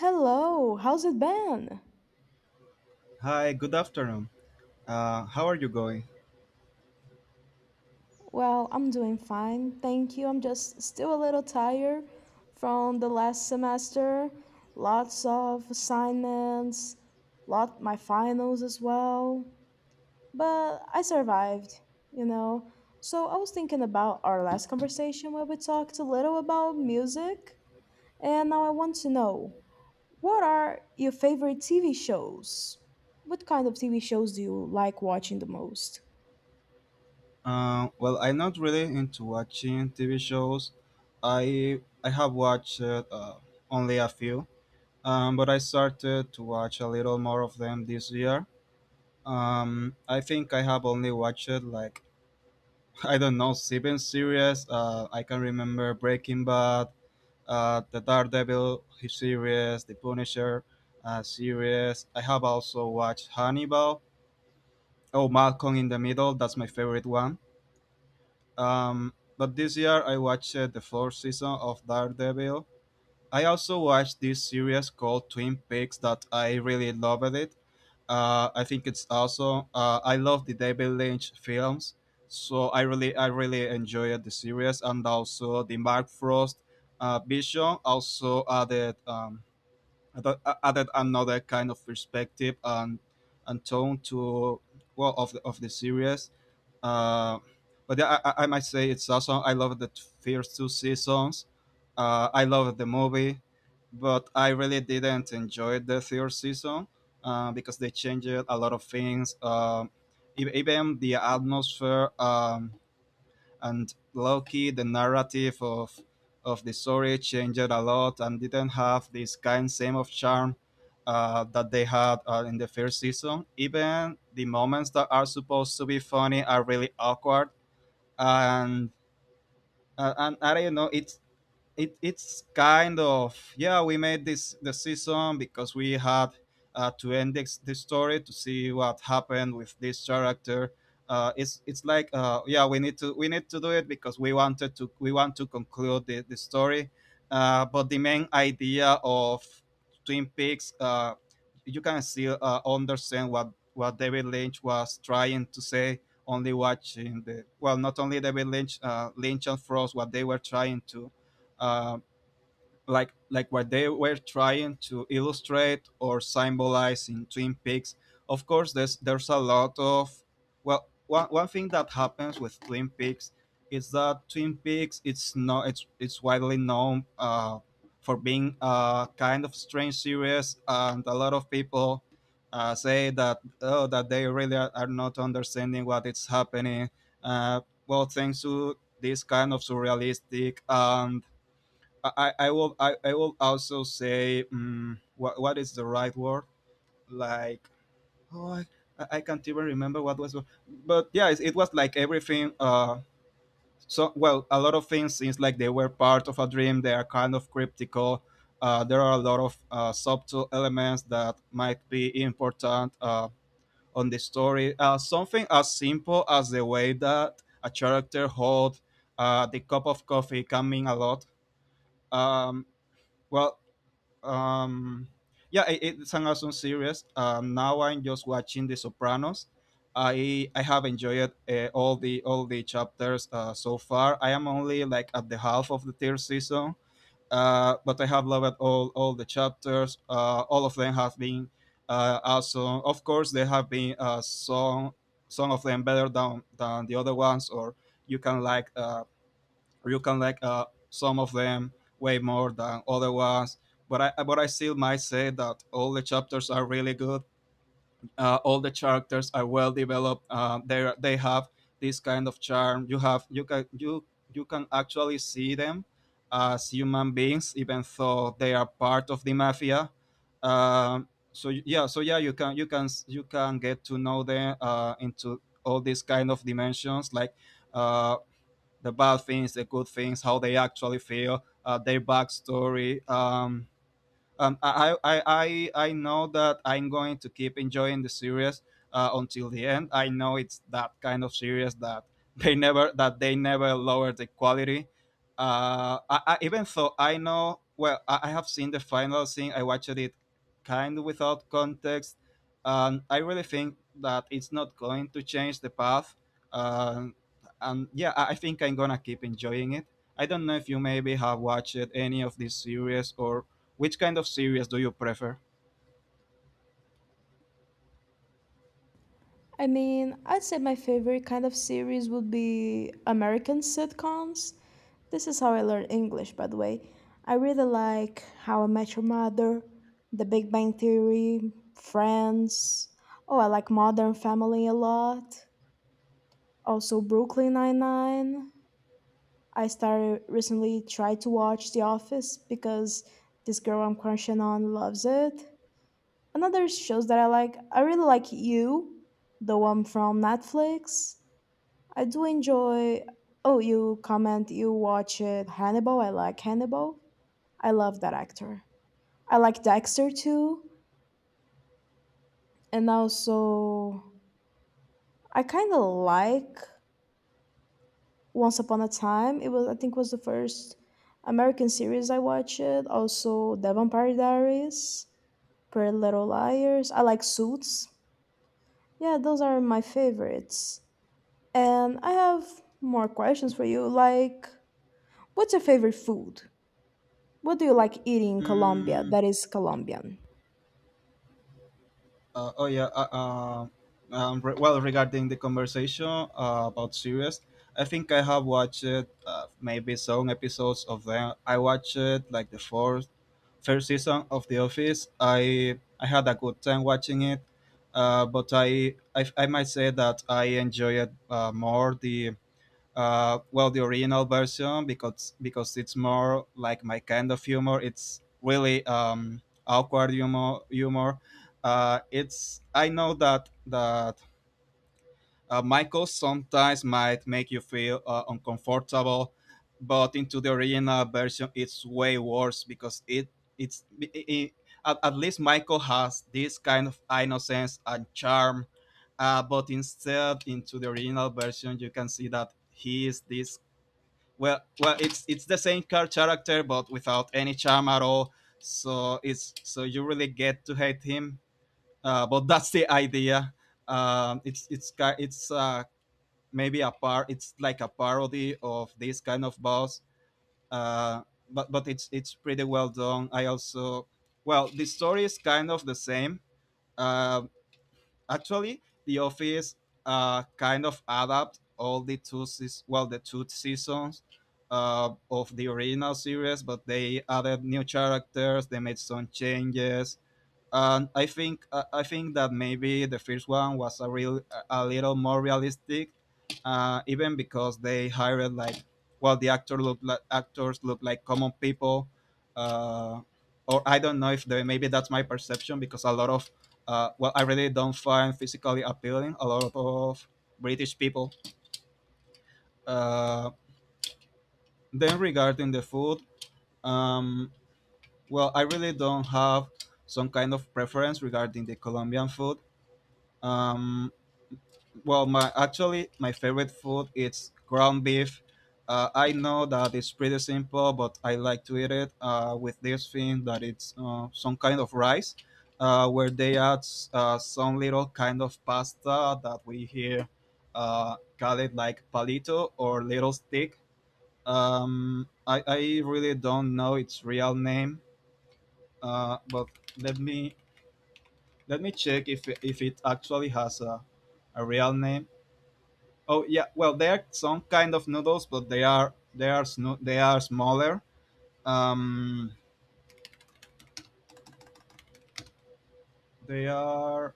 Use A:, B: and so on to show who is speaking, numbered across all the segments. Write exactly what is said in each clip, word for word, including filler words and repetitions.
A: Hello, how's it been?
B: Hi, good afternoon. Uh, how are you going?
A: Well, I'm doing fine, thank you. I'm just still a little tired from the last semester. Lots of assignments, lot my finals as well. But I survived, you know. So I was thinking about our last conversation where we talked a little about music, and now I want to know, what are your favorite T V shows? What kind of T V shows do you like watching the most?
B: Uh, well, I'm not really into watching T V shows. I I have watched uh, only a few, um, but I started to watch a little more of them this year. Um, I think I have only watched like I don't know seven series. Uh, I can remember Breaking Bad, uh, the Daredevil series, the Punisher uh, series. I have also watched Hannibal. Oh, Malcolm in the Middle, that's my favorite one. Um, but this year I watched uh, the fourth season of Daredevil. I also watched this series called Twin Peaks that I really loved it. Uh, I think it's awesome. Uh, I love the David Lynch films, so I really, I really enjoyed the series, and also the Mark Frost uh, vision also added um, added added another kind of perspective and and tone to, well, of the, of the series uh, but yeah, I, I might say it's awesome. I love the t- first two seasons. Uh, I love the movie, but I really didn't enjoy the third season uh, because they changed a lot of things. Um, e- even the atmosphere. Um, and Loki, the narrative of of the story changed a lot and didn't have this kind same of charm uh, that they had uh, in the first season. Even the moments that are supposed to be funny are really awkward, and uh, and I don't know. It's it, it's kind of, yeah, we made this the season because we had uh, to end this, this story to see what happened with this character. Uh, it's it's like, uh, yeah, we need to we need to do it because we wanted to we want to conclude the, the story. Uh, but the main idea of Twin Peaks, uh, you can still uh, understand what what David Lynch was trying to say, only watching the, well, not only David Lynch, uh, Lynch and Frost, what they were trying to uh, like like what they were trying to illustrate or symbolize in Twin Peaks. Of course, there's there's a lot of, well, one, one thing that happens with Twin Peaks is that Twin Peaks it's not it's it's widely known uh, for being a kind of strange series, and a lot of people uh, say that, oh, that they really are, are not understanding what is happening. Uh, well, thanks to this kind of surrealistic and, I, I will I, I will also say, mm what, what is the right word, like, oh, I, I can't even remember what was. But yeah, it, it was like everything, uh so well, a lot of things seems like they were part of a dream. They are kind of cryptical. Uh, there are a lot of uh, subtle elements that might be important uh, on the story. Uh, something as simple as the way that a character hold uh, the cup of coffee can mean a lot. um, well um yeah, it, it's an awesome series. Um now I'm just watching The Sopranos. I i have enjoyed uh, all the all the chapters uh, so far. I am only like at the half of the third season, uh but I have loved all all the chapters. Uh all of them have been uh awesome. Of course there have been uh some some of them better than than the other ones, or you can like uh you can like uh, some of them way more than other ones. But I, but I still might say that all the chapters are really good. Uh, all the characters are well developed. Uh, they they have this kind of charm. You have you can you you can actually see them as human beings, even though they are part of the mafia. Um, so yeah, so yeah, you can you can you can get to know them uh, into all these kind of dimensions, like, uh, the bad things, the good things, how they actually feel, uh, their backstory. um, um, I, I, I, I know that I'm going to keep enjoying the series uh, until the end. I know it's that kind of series that they never that they never lower the quality. Uh, I, I, even though I know, well, I, I have seen the final scene. I watched it kind of without context, and I really think that it's not going to change the path. Um, and yeah, I, I think I'm gonna keep enjoying it. I don't know if you maybe have watched any of this series, or which kind of series do you prefer?
A: I mean, I'd say my favorite kind of series would be American sitcoms. This is how I learned English, by the way. I really like How I Met Your Mother, The Big Bang Theory, Friends. Oh, I like Modern Family a lot. Also, Brooklyn Nine-Nine. I started recently tried to watch The Office because this girl I'm crushing on loves it. Another shows that I like, I really like You, the one from Netflix. I do enjoy. Oh, you comment you watch it. Hannibal. I like Hannibal. I love that actor. I like Dexter too, and also I kind of like Once Upon a Time. It was I think was the first American series I watched. Also, The Vampire Diaries, Pretty Little Liars. I like Suits. Yeah, those are my favorites. And I have more questions for you. Like, what's your favorite food? What do you like eating in Colombia
B: Mm,
A: that is Colombian?
B: uh, oh yeah. Uh, uh, um, re- well, regarding the conversation uh, about series, I think I have watched uh, maybe some episodes of them. I watched like the fourth, first season of The Office. I I had a good time watching it, uh, but I, I I might say that I enjoyed uh, more the uh, well, the original version, because because it's more like my kind of humor. It's really um, awkward humor. Humor uh, it's, I know that that uh, Michael sometimes might make you feel uh, uncomfortable, but into the original version it's way worse, because it it's I I- at, at least Michael has this kind of innocence and charm, uh, but instead into the original version you can see that he is this, well, well it's it's the same car character but without any charm at all, so it's so you really get to hate him. Uh, but that's the idea. Um, it's it's ki- it's uh, Maybe a par it's like a parody of this kind of boss. uh, but but it's it's pretty well done. I also, well, the story is kind of the same. uh, Actually, The Office uh, kind of adapt all the two seas- well, the two seasons uh, of the original series, but they added new characters. They made some changes, and I think uh, I think that maybe the first one was a real a little more realistic, uh, even because they hired like, well, the actor look like actors look like common people, uh, or I don't know if they maybe that's my perception, because a lot of uh, well, I really don't find physically appealing a lot of British people. Uh, then, regarding the food, um, well, I really don't have some kind of preference regarding the Colombian food. Um, Well, my actually my favorite food is ground beef. Uh, I know that it's pretty simple, but I like to eat it uh, with this thing that it's uh, some kind of rice, uh, where they add uh, some little kind of pasta that we here uh, call it like palito, or little stick. Um, I, I really don't know its real name, uh, but let me, let me check if if it actually has a, a real name. Oh yeah, well, they are some kind of noodles, but they are they are sno- they are smaller. Um, they are,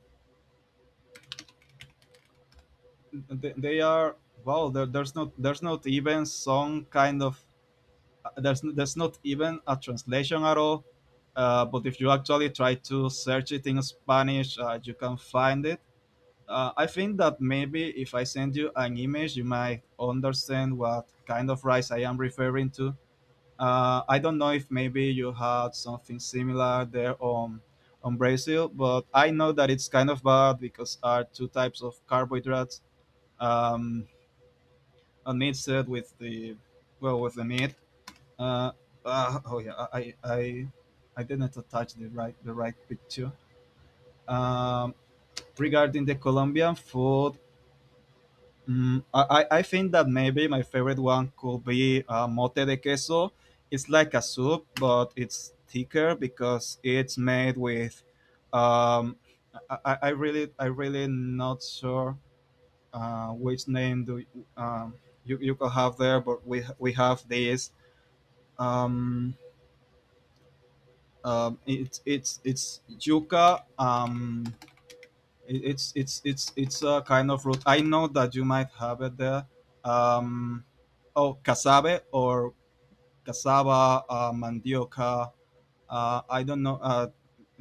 B: they, they are, well, There, there's not there's not even some kind of, there's there's not even a translation at all. Uh, but if you actually try to search it in Spanish, uh, you can find it. Uh, I think that maybe if I send you an image, you might understand what kind of rice I am referring to. Uh, I don't know if maybe you had something similar there on on Brazil, but I know that it's kind of bad because are two types of carbohydrates, um, and mixed with the, well, with the meat. Uh, uh, oh yeah, I I I didn't attach the right the right picture. Um, Regarding the Colombian food, Mm, I, I I think that maybe my favorite one could be uh, mote de queso. It's like a soup, but it's thicker because it's made with. Um, I, I I really I really not sure uh, which name do, um, you you could have there, but we we have this. Um, um, it's it's it's yuca. Um, It- it's it's it's it's a kind of root. I know that you might have it there. Um, oh, cassave, or cassava, uh, mandioca. Uh, I don't know. Uh,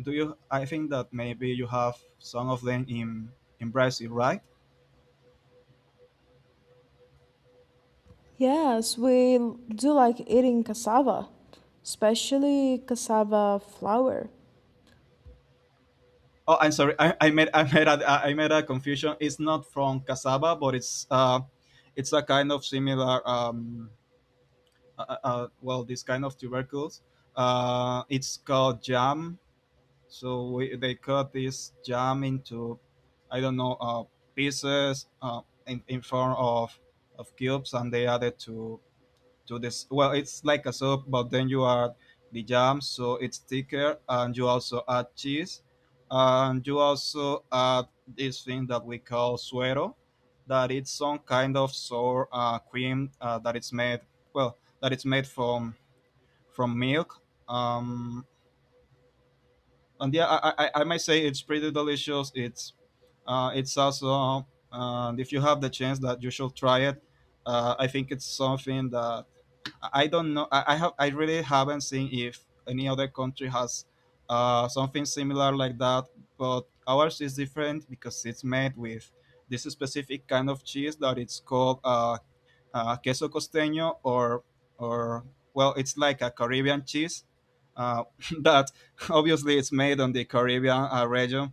B: Do you? I think that maybe you have some of them in in Brazil, right?
A: Yes, we l- do like eating cassava, especially cassava flour.
B: Oh, I'm sorry. I, I made I made a, I made a confusion. It's not from cassava, but it's uh, it's a kind of similar, um, uh, uh, uh, well, this kind of tubercles. Uh, it's called jam. So we, they cut this jam into, I don't know, uh, pieces, uh, in, in form of, of cubes, and they added to to this. Well, it's like a soup, but then you add the jam, so it's thicker, and you also add cheese, and you also add this thing that we call suero, that it's some kind of sour uh, cream uh, that it's made. Well, that it's made from from milk. Um, and yeah, I, I, I might say it's pretty delicious. It's uh, it's also and if you have the chance that you should try it. Uh, I think it's something that I I don't know. I, I have I really haven't seen if any other country has uh, something similar like that. But ours is different because it's made with this specific kind of cheese that it's called uh, uh, queso costeño or or well, it's like a Caribbean cheese uh, that obviously it's made on the Caribbean uh, region.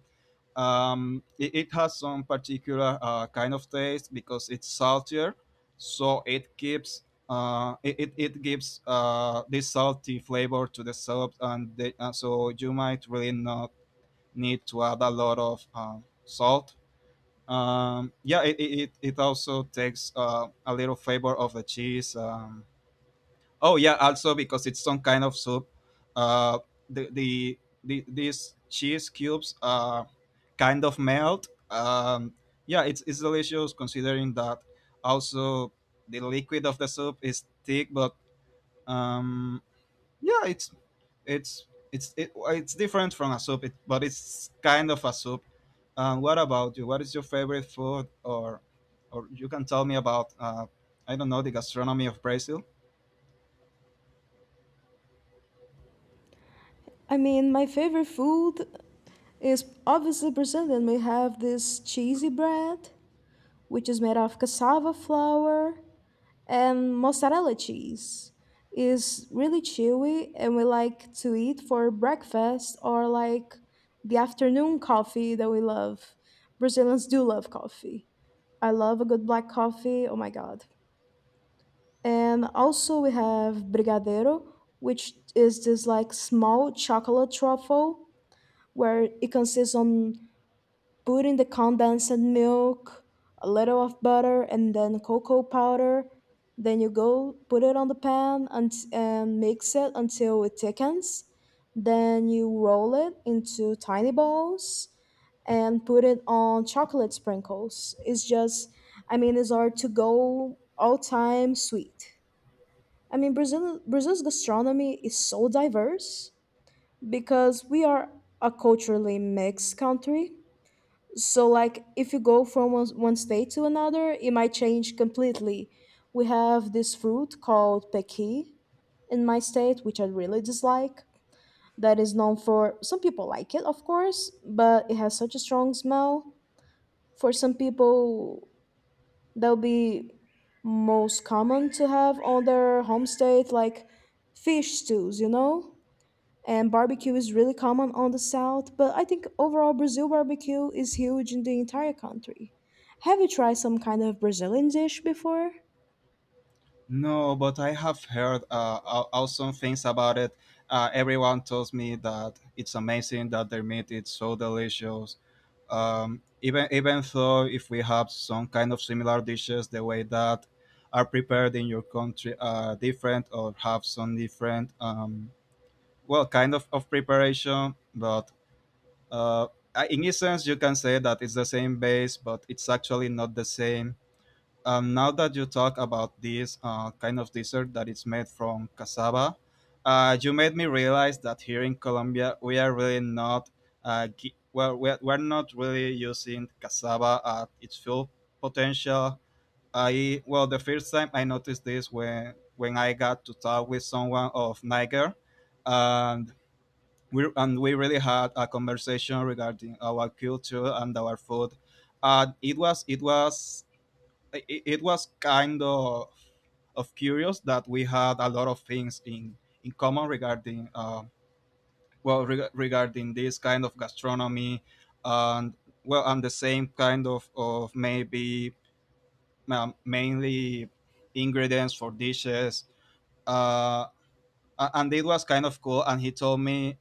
B: Um, it, it has some particular uh, kind of taste because it's saltier, so it keeps uh, it, it, it gives uh, this salty flavor to the soup, and the, uh, so you might really not need to add a lot of uh, salt. Um, yeah, it, it, it also takes uh, a little flavor of the cheese. Um, oh yeah, also because it's some kind of soup. Uh, the, the the these cheese cubes uh kind of melt. Um, yeah, it's it's delicious considering that also the liquid of the soup is thick, but um, yeah, it's it's it's it, it's different from a soup, it, but it's kind of a soup. And what about you? What is your favorite food, or or you can tell me about uh, I don't know, the gastronomy of Brazil?
A: I mean, my favorite food is obviously Brazilian. We have this cheesy bread, which is made of cassava flour, and mozzarella cheese is really chewy, and we like to eat for breakfast or like the afternoon coffee that we love. Brazilians do love coffee. I love a good black coffee. Oh my god. And also we have brigadeiro, which is this like small chocolate truffle where it consists on put in the condensed milk, a little of butter, and then cocoa powder. Then you go put it on the pan and, and mix it until it thickens. Then you roll it into tiny balls and put it on chocolate sprinkles. It's just, I mean, it's our to go all time sweet. I mean, Brazil, Brazil's gastronomy is so diverse because we are a culturally mixed country, so like if you go from one, one state to another, it might change completely. We have this fruit called pequi in my state, which I really dislike, that is known for some people like it of course, but it has such a strong smell for some people that'll be most common to have on their home state, like fish stews, you know. And barbecue is really common on the south, but I think overall Brazil barbecue is huge in the entire country. Have you tried some kind of Brazilian dish before?
B: No, but I have heard uh, aw- awesome things about it. Uh, everyone tells me that it's amazing, that their meat is so delicious. Um, even even though if we have some kind of similar dishes, the way that are prepared in your country are different or have some different um, well, kind of of preparation, but uh I- in essence you can say that it's the same base, but it's actually not the same. Um, now that you talk about this uh, kind of dessert that is made from cassava, uh, you made me realize that here in Colombia we are really not uh, gi- well, we're, we're not really using cassava at its full potential. I Well, the first time I noticed this when when I got to talk with someone of Niger, and we and we really had a conversation regarding our culture and our food. And it was it was it, it was kind of of curious that we had a lot of things in in common regarding uh, well, reg- regarding this kind of gastronomy, and well, and the same kind of of maybe um, mainly ingredients for dishes. uh, a- and it was kind of cool, and he told me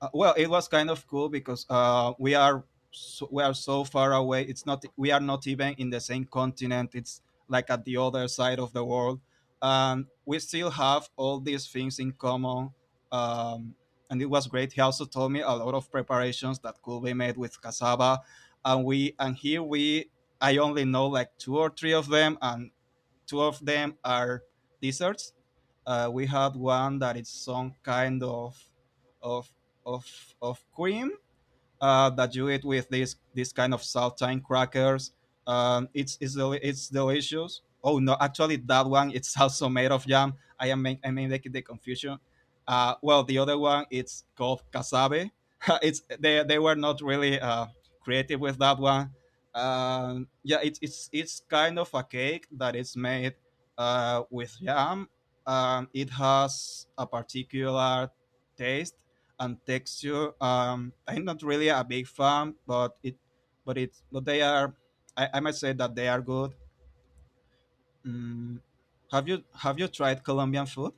B: Uh, well, it was kind of cool because uh, we are so, we are so far away. It's not, we are not even in the same continent. It's like at the other side of the world. Um, we still have all these things in common. um, and it was great. He also told me a lot of preparations that could be made with cassava, and we and here we I only know like two or three of them, and two of them are desserts. Uh, we had one that is some kind of of of of cream uh, that you eat with this this kind of saltine crackers. Um, it's it's deli- it's delicious. Oh no, actually that one it's also made of jam. I am make, I may making the confusion. Uh, well, the other one it's called cassave. it's They they were not really uh, creative with that one. Um, yeah, it's it's it's kind of a cake that is made uh, with jam. Um, it has a particular taste and texture. Um, I'm not really a big fan, but it, but it, but they are. I, I might say that they are good. Mm, have you have you tried Colombian food?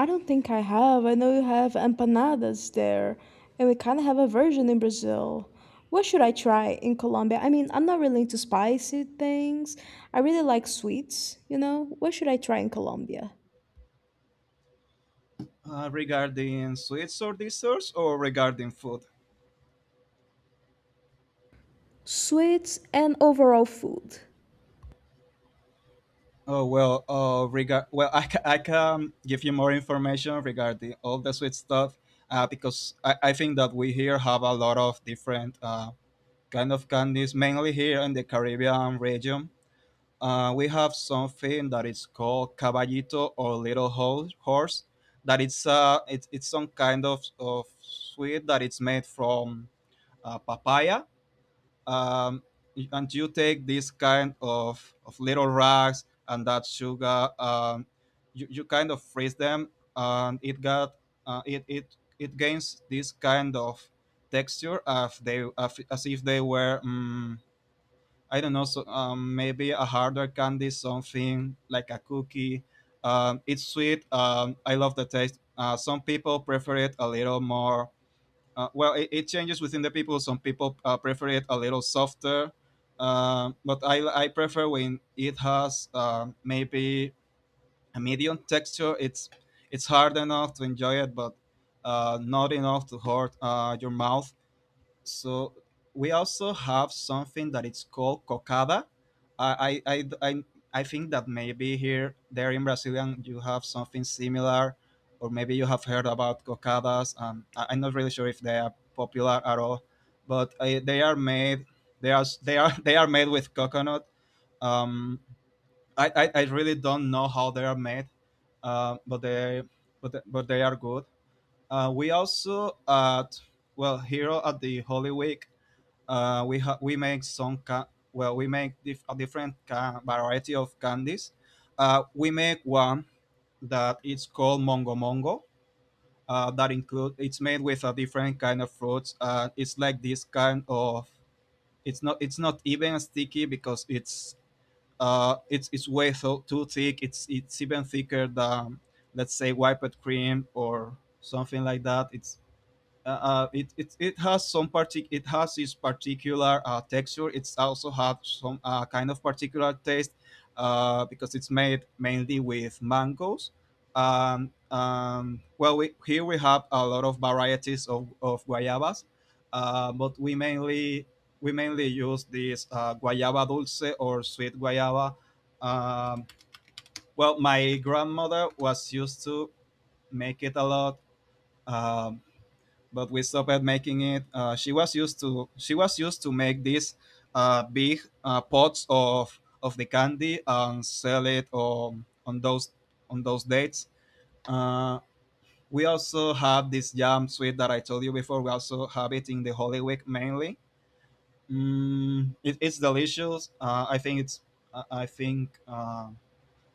A: I don't think I have. I know you have empanadas there, and we kind of have a version in Brazil. What should I try in Colombia? I mean, I'm not really into spicy things. I really like sweets, you know? What should I try in Colombia?
B: uh, Regarding sweets or desserts or regarding food?
A: Sweets and overall food.
B: Oh well, uh, regard well, I, ca- I can give you more information regarding all the sweet stuff, uh, because I, I think that we here have a lot of different uh, kind of candies, mainly here in the Caribbean region. Uh, we have something that is called caballito, or little Ho- horse. That it's uh, it's it's some kind of, of sweet that it's made from uh, papaya. Um, and you take this kind of, of little rags and that sugar. Um, you, you kind of freeze them, and it got uh, it it it gains this kind of texture as they as if they were. Um, I don't know, so um, maybe a harder candy, something like a cookie. Um, it's sweet. Um, I love the taste. Uh, some people prefer it a little more. Uh, well, it, it changes within the people. Some people uh, prefer it a little softer, um, but I, I prefer when it has um, maybe a medium texture. It's it's hard enough to enjoy it, but uh, not enough to hurt uh, your mouth. So we also have something that it's called cocada. I I, I, I I think that maybe here there in Brazilian you have something similar, or maybe you have heard about cocadas. Um, I, I'm not really sure if they are popular at all, but uh, they are made they are they are they are made with coconut. Um, I, I, I really don't know how they are made, uh, but they but they- but they are good. Uh, we also at well, here at the Holy Week uh, we ha- we make some ca- well, we make dif- a different ca- variety of candies. Uh, we make one that it's called Mongo Mongo. Uh, that include It's made with a different kind of fruits. Uh, it's like this kind of it's not it's not even sticky because it's uh it's it's way so, too thick. It's it's even thicker than, let's say, whipped cream or something like that. It's uh, uh, it, it it has some partic it has its particular uh, texture. It's also have some uh, kind of particular taste uh, because it's made mainly with mangoes. Um, um, well, we, here we have a lot of varieties of, of guayabas, uh, but we mainly we mainly use this uh, guayaba dulce or sweet guayaba. Um, well, my grandmother was used to make it a lot. Um, but we stopped making it. Uh, she was used to she was used to make these uh, big uh, pots of of the candy and sell it on on those on those dates. Uh, we also have this jam sweet that I told you before. We also have it in the Holy Week mainly. Mm, it, it's delicious. Uh, I think it's I I think uh,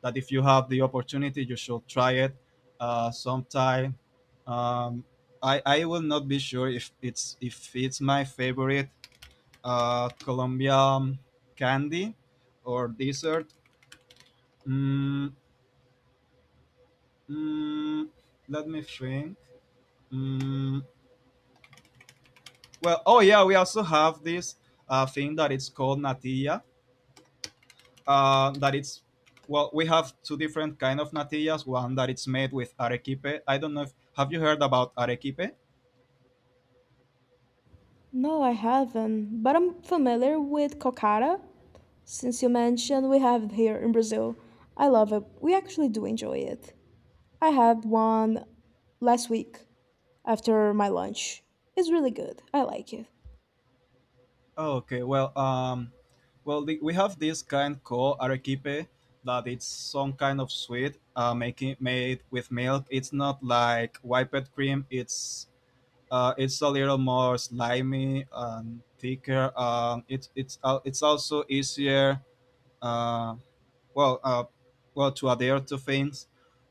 B: that if you have the opportunity, you should try it uh, sometime. Um, I I will not be sure if it's if it's my favorite uh, Colombian candy or dessert. Mm, mm, Let me think. Mm, well, oh yeah, we also have this uh, thing that it's called natilla. Uh, that it's well, we have two different kind of natillas. One that it's made with arequipe. I don't know if have you heard about arequipe?
A: No, I haven't, but I'm familiar with cocada. Since you mentioned, we have it here in Brazil. I love it. We actually do enjoy it. I had one last week after my lunch. It's really good. I like it.
B: Oh, okay. Well, um, well, the, we have this kind called arequipe that it's some kind of sweet uh, making made with milk. It's not like whipped cream. It's uh, it's a little more slimy and thicker. Um, it's it's uh, it's also easier. Uh, well, uh, well, to adhere to things.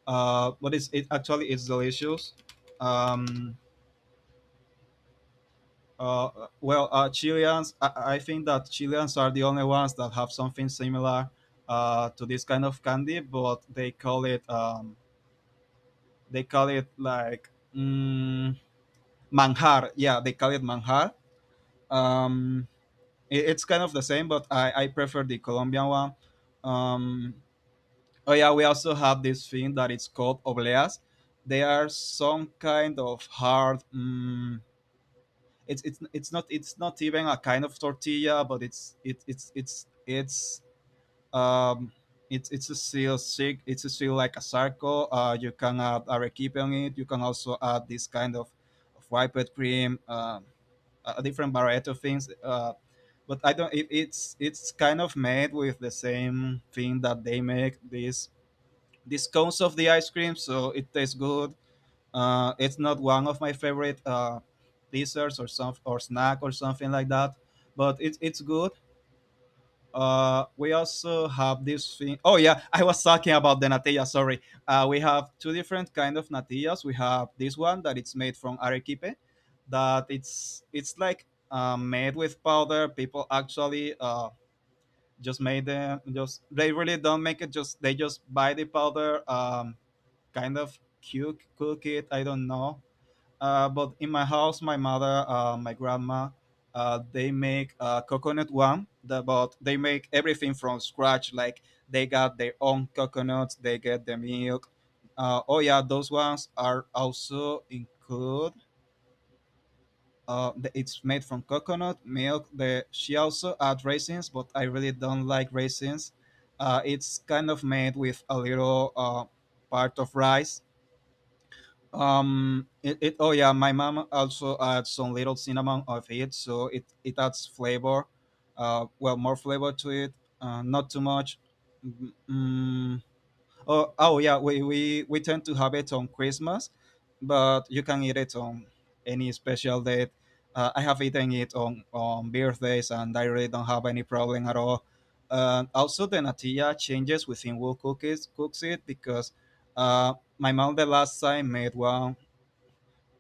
B: Uh, but it's it actually it's delicious. Um, Uh, well, uh, Chileans, I, I think that Chileans are the only ones that have something similar uh, to this kind of candy, but they call it um, they call it like mm, manjar. Yeah, they call it manjar. Um, it- it's kind of the same, but I, I prefer the Colombian one. Um, oh yeah, we also have this thing that it's called obleas. They are some kind of hard. Mm it's it's it's not it's not even a kind of tortilla, but it's it, it's it's it's um it's it's a still sick. It's a still like a sarco. Uh, you can add arequipe on it. You can also add this kind of, of whipped cream, uh, a different variety of things. Uh, but I don't. It, it's it's kind of made with the same thing that they make this these cones of the ice cream, so it tastes good. Uh, it's not one of my favorite uh, desserts or some or snack or something like that, but it's it's good. Uh, we also have this thing. Oh yeah, I was talking about the natilla. Sorry. Uh, we have two different kind of natillas. We have this one that it's made from arequipe, that it's it's like uh, made with powder. People actually uh, just made them. Just they really don't make it. Just they just buy the powder. Um, kind of cook cook it. I don't know. Uh, but in my house, my mother, uh, my grandma, uh, they make uh, coconut one. The, but they make everything from scratch. Like they got their own coconuts. They get the milk. Uh, oh yeah, those ones are also include. Uh, the, it's made from coconut milk. The, she also add raisins, but I really don't like raisins. Uh, it's kind of made with a little uh, part of rice. um, it, it Oh yeah, my mom also adds some little cinnamon of it, so it it adds flavor, uh, well, more flavor to it, uh, not too much. Mm, mm, oh oh yeah, we, we we tend to have it on Christmas, but you can eat it on any special date. Uh, I have eaten it on on birthdays, and I really don't have any problem at all. Uh, also, the natilla changes within who cookies cooks it because uh, my mom the last time made one.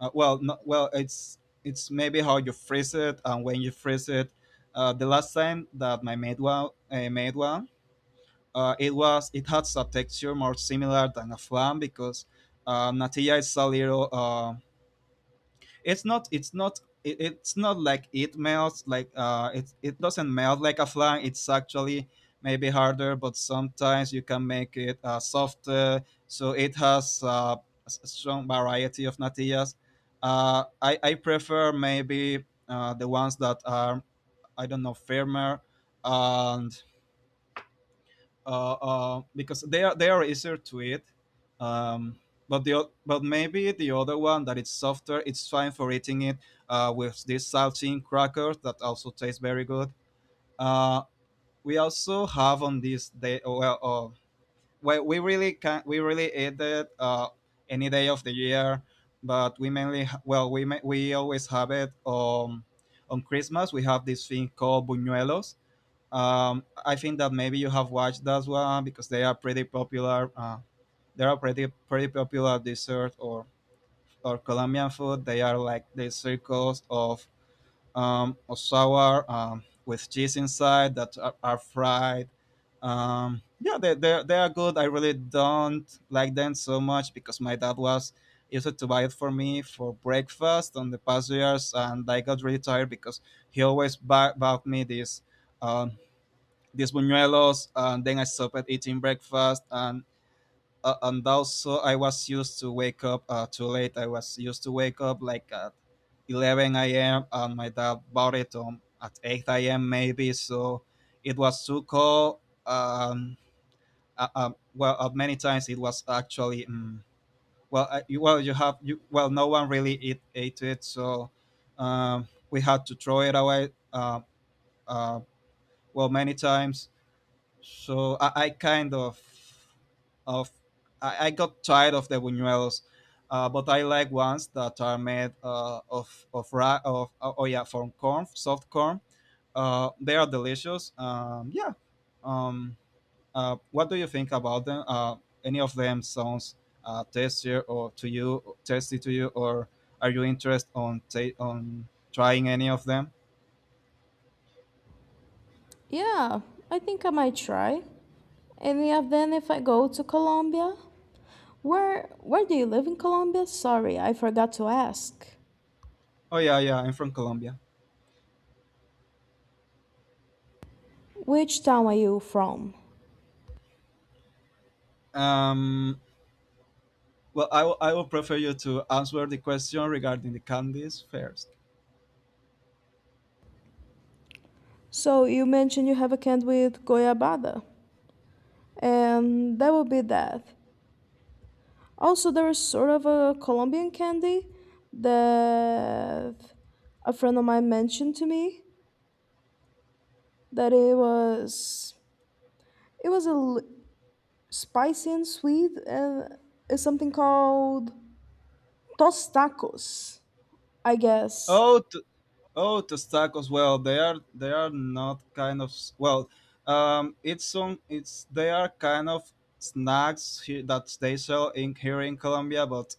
B: uh, Well, no, well, it's it's maybe how you freeze it and when you freeze it. Uh, the last time that my made one, uh, made one, uh, it was, it had a texture more similar than a flan, because uh, natilla is a little uh, it's not it's not it, it's not like it melts like uh it, it doesn't melt like a flan. It's actually maybe harder, but sometimes you can make it uh, softer, so it has uh, a strong variety of natillas. uh, I, I prefer maybe uh, the ones that are, I don't know, firmer. And uh, uh, because they are they are easier to eat. Um, but the o- but maybe the other one that it's softer, it's fine for eating it uh, with these saltine crackers that also taste very good. Uh, we also have on this day. Well, uh, we, we really can, we really eat it uh, any day of the year, but we mainly ha- well, we ma- we always have it on on Christmas. We have this thing called buñuelos. um, I think that maybe you have watched that one because they are pretty popular. Uh, they are pretty pretty popular dessert or or Colombian food. They are like the circles of um, of sour um, with cheese inside that are, are fried. Um, yeah, they, they they are good. I really don't like them so much because my dad was used to buy it for me for breakfast on the past years, and I got really tired because he always buy, bought me this uh, these buñuelos, and then I stopped eating breakfast. And uh, and also I was used to wake up uh, too late. I was used to wake up like at eleven a m and my dad bought it um, at eight a m maybe, so it was too cold. Um, uh, uh, well, uh, many times it was actually um, well, I, you- well, you have you well, no one really eat, ate it, so um, we had to throw it away. Uh, uh, well, many times. So I, I kind of of I, I got tired of the buñuelos. Uh, but I like ones that are made uh, of of ra- of oh, oh yeah, from corn, soft corn. Uh, they are delicious. Um, yeah. Um, uh, what do you think about them? Uh, any of them sounds uh, tasty or to you tasty to you, or are you interested on ta- on trying any of them?
A: Yeah, I think I might try. And yeah, then if I go to Colombia, where where do you live in Colombia? Sorry, I forgot to ask.
B: Oh yeah, yeah, I'm from Colombia.
A: Which town are you from?
B: Um, well, I will I will prefer you to answer the question regarding the candies first.
A: So you mentioned you have a can with goiabada, and that would be that. Also, there is sort of a Colombian candy that a friend of mine mentioned to me that it was it was a l- spicy and sweet, and it's something called tostacos, I guess.
B: Oh, to, oh, tostacos! Well. They are they are not kind of s- well. Um, it's some it's They are kind of snacks here that they sell in here in Colombia, but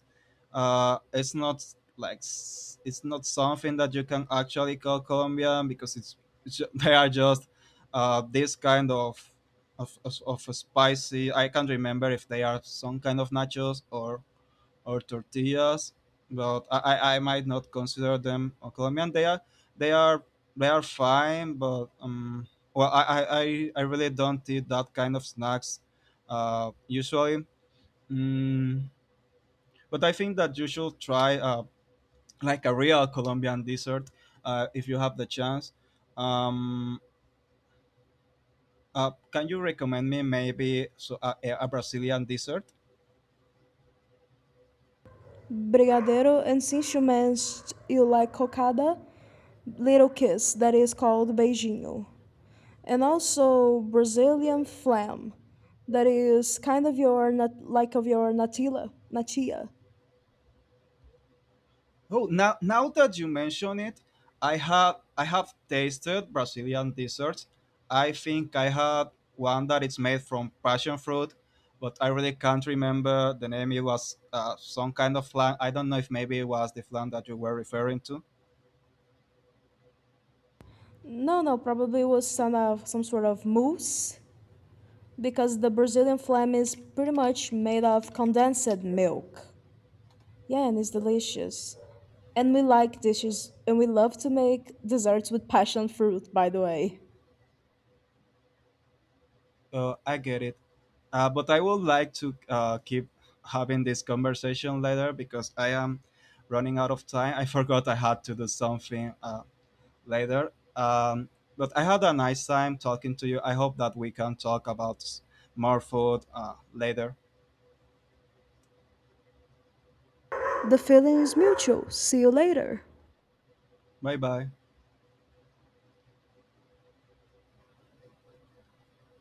B: uh, it's not like s- it's not something that you can actually call Colombian because it's, it's ju- they are just uh this kind of of of, of spicy. I can't remember if they are some kind of nachos or or tortillas, but I, I I might not consider them uh, Colombian. They are they are they are fine, but um, well, I, I, I I really don't eat that kind of snacks uh, usually. Mm, but I think that you should try uh, like a real Colombian dessert uh, if you have the chance. Um, uh, can you recommend me maybe so, a, a Brazilian dessert?
A: Brigadeiro, and since you mentioned you like cocada, little kiss that is called beijinho, and also Brazilian flam that is kind of your nat- like of your natilla, natia.
B: Oh, now now that you mention it, I have I have tasted Brazilian desserts. I think I had one that it's made from passion fruit, but I really can't remember the name. It was uh, some kind of flan. I don't know if maybe it was the flan that you were referring to.
A: No, no, probably it was some of some sort of mousse because the Brazilian flan is pretty much made of condensed milk. Yeah, and it's delicious. And we like dishes, and we love to make desserts with passion fruit, by the way.
B: Uh, I get it. Uh, but I would like to uh, keep having this conversation later because I am running out of time. I forgot I had to do something uh, later. Um, but I had a nice time talking to you. I hope that we can talk about s- more food uh, later.
A: The feeling is mutual. See you later.
B: Bye bye.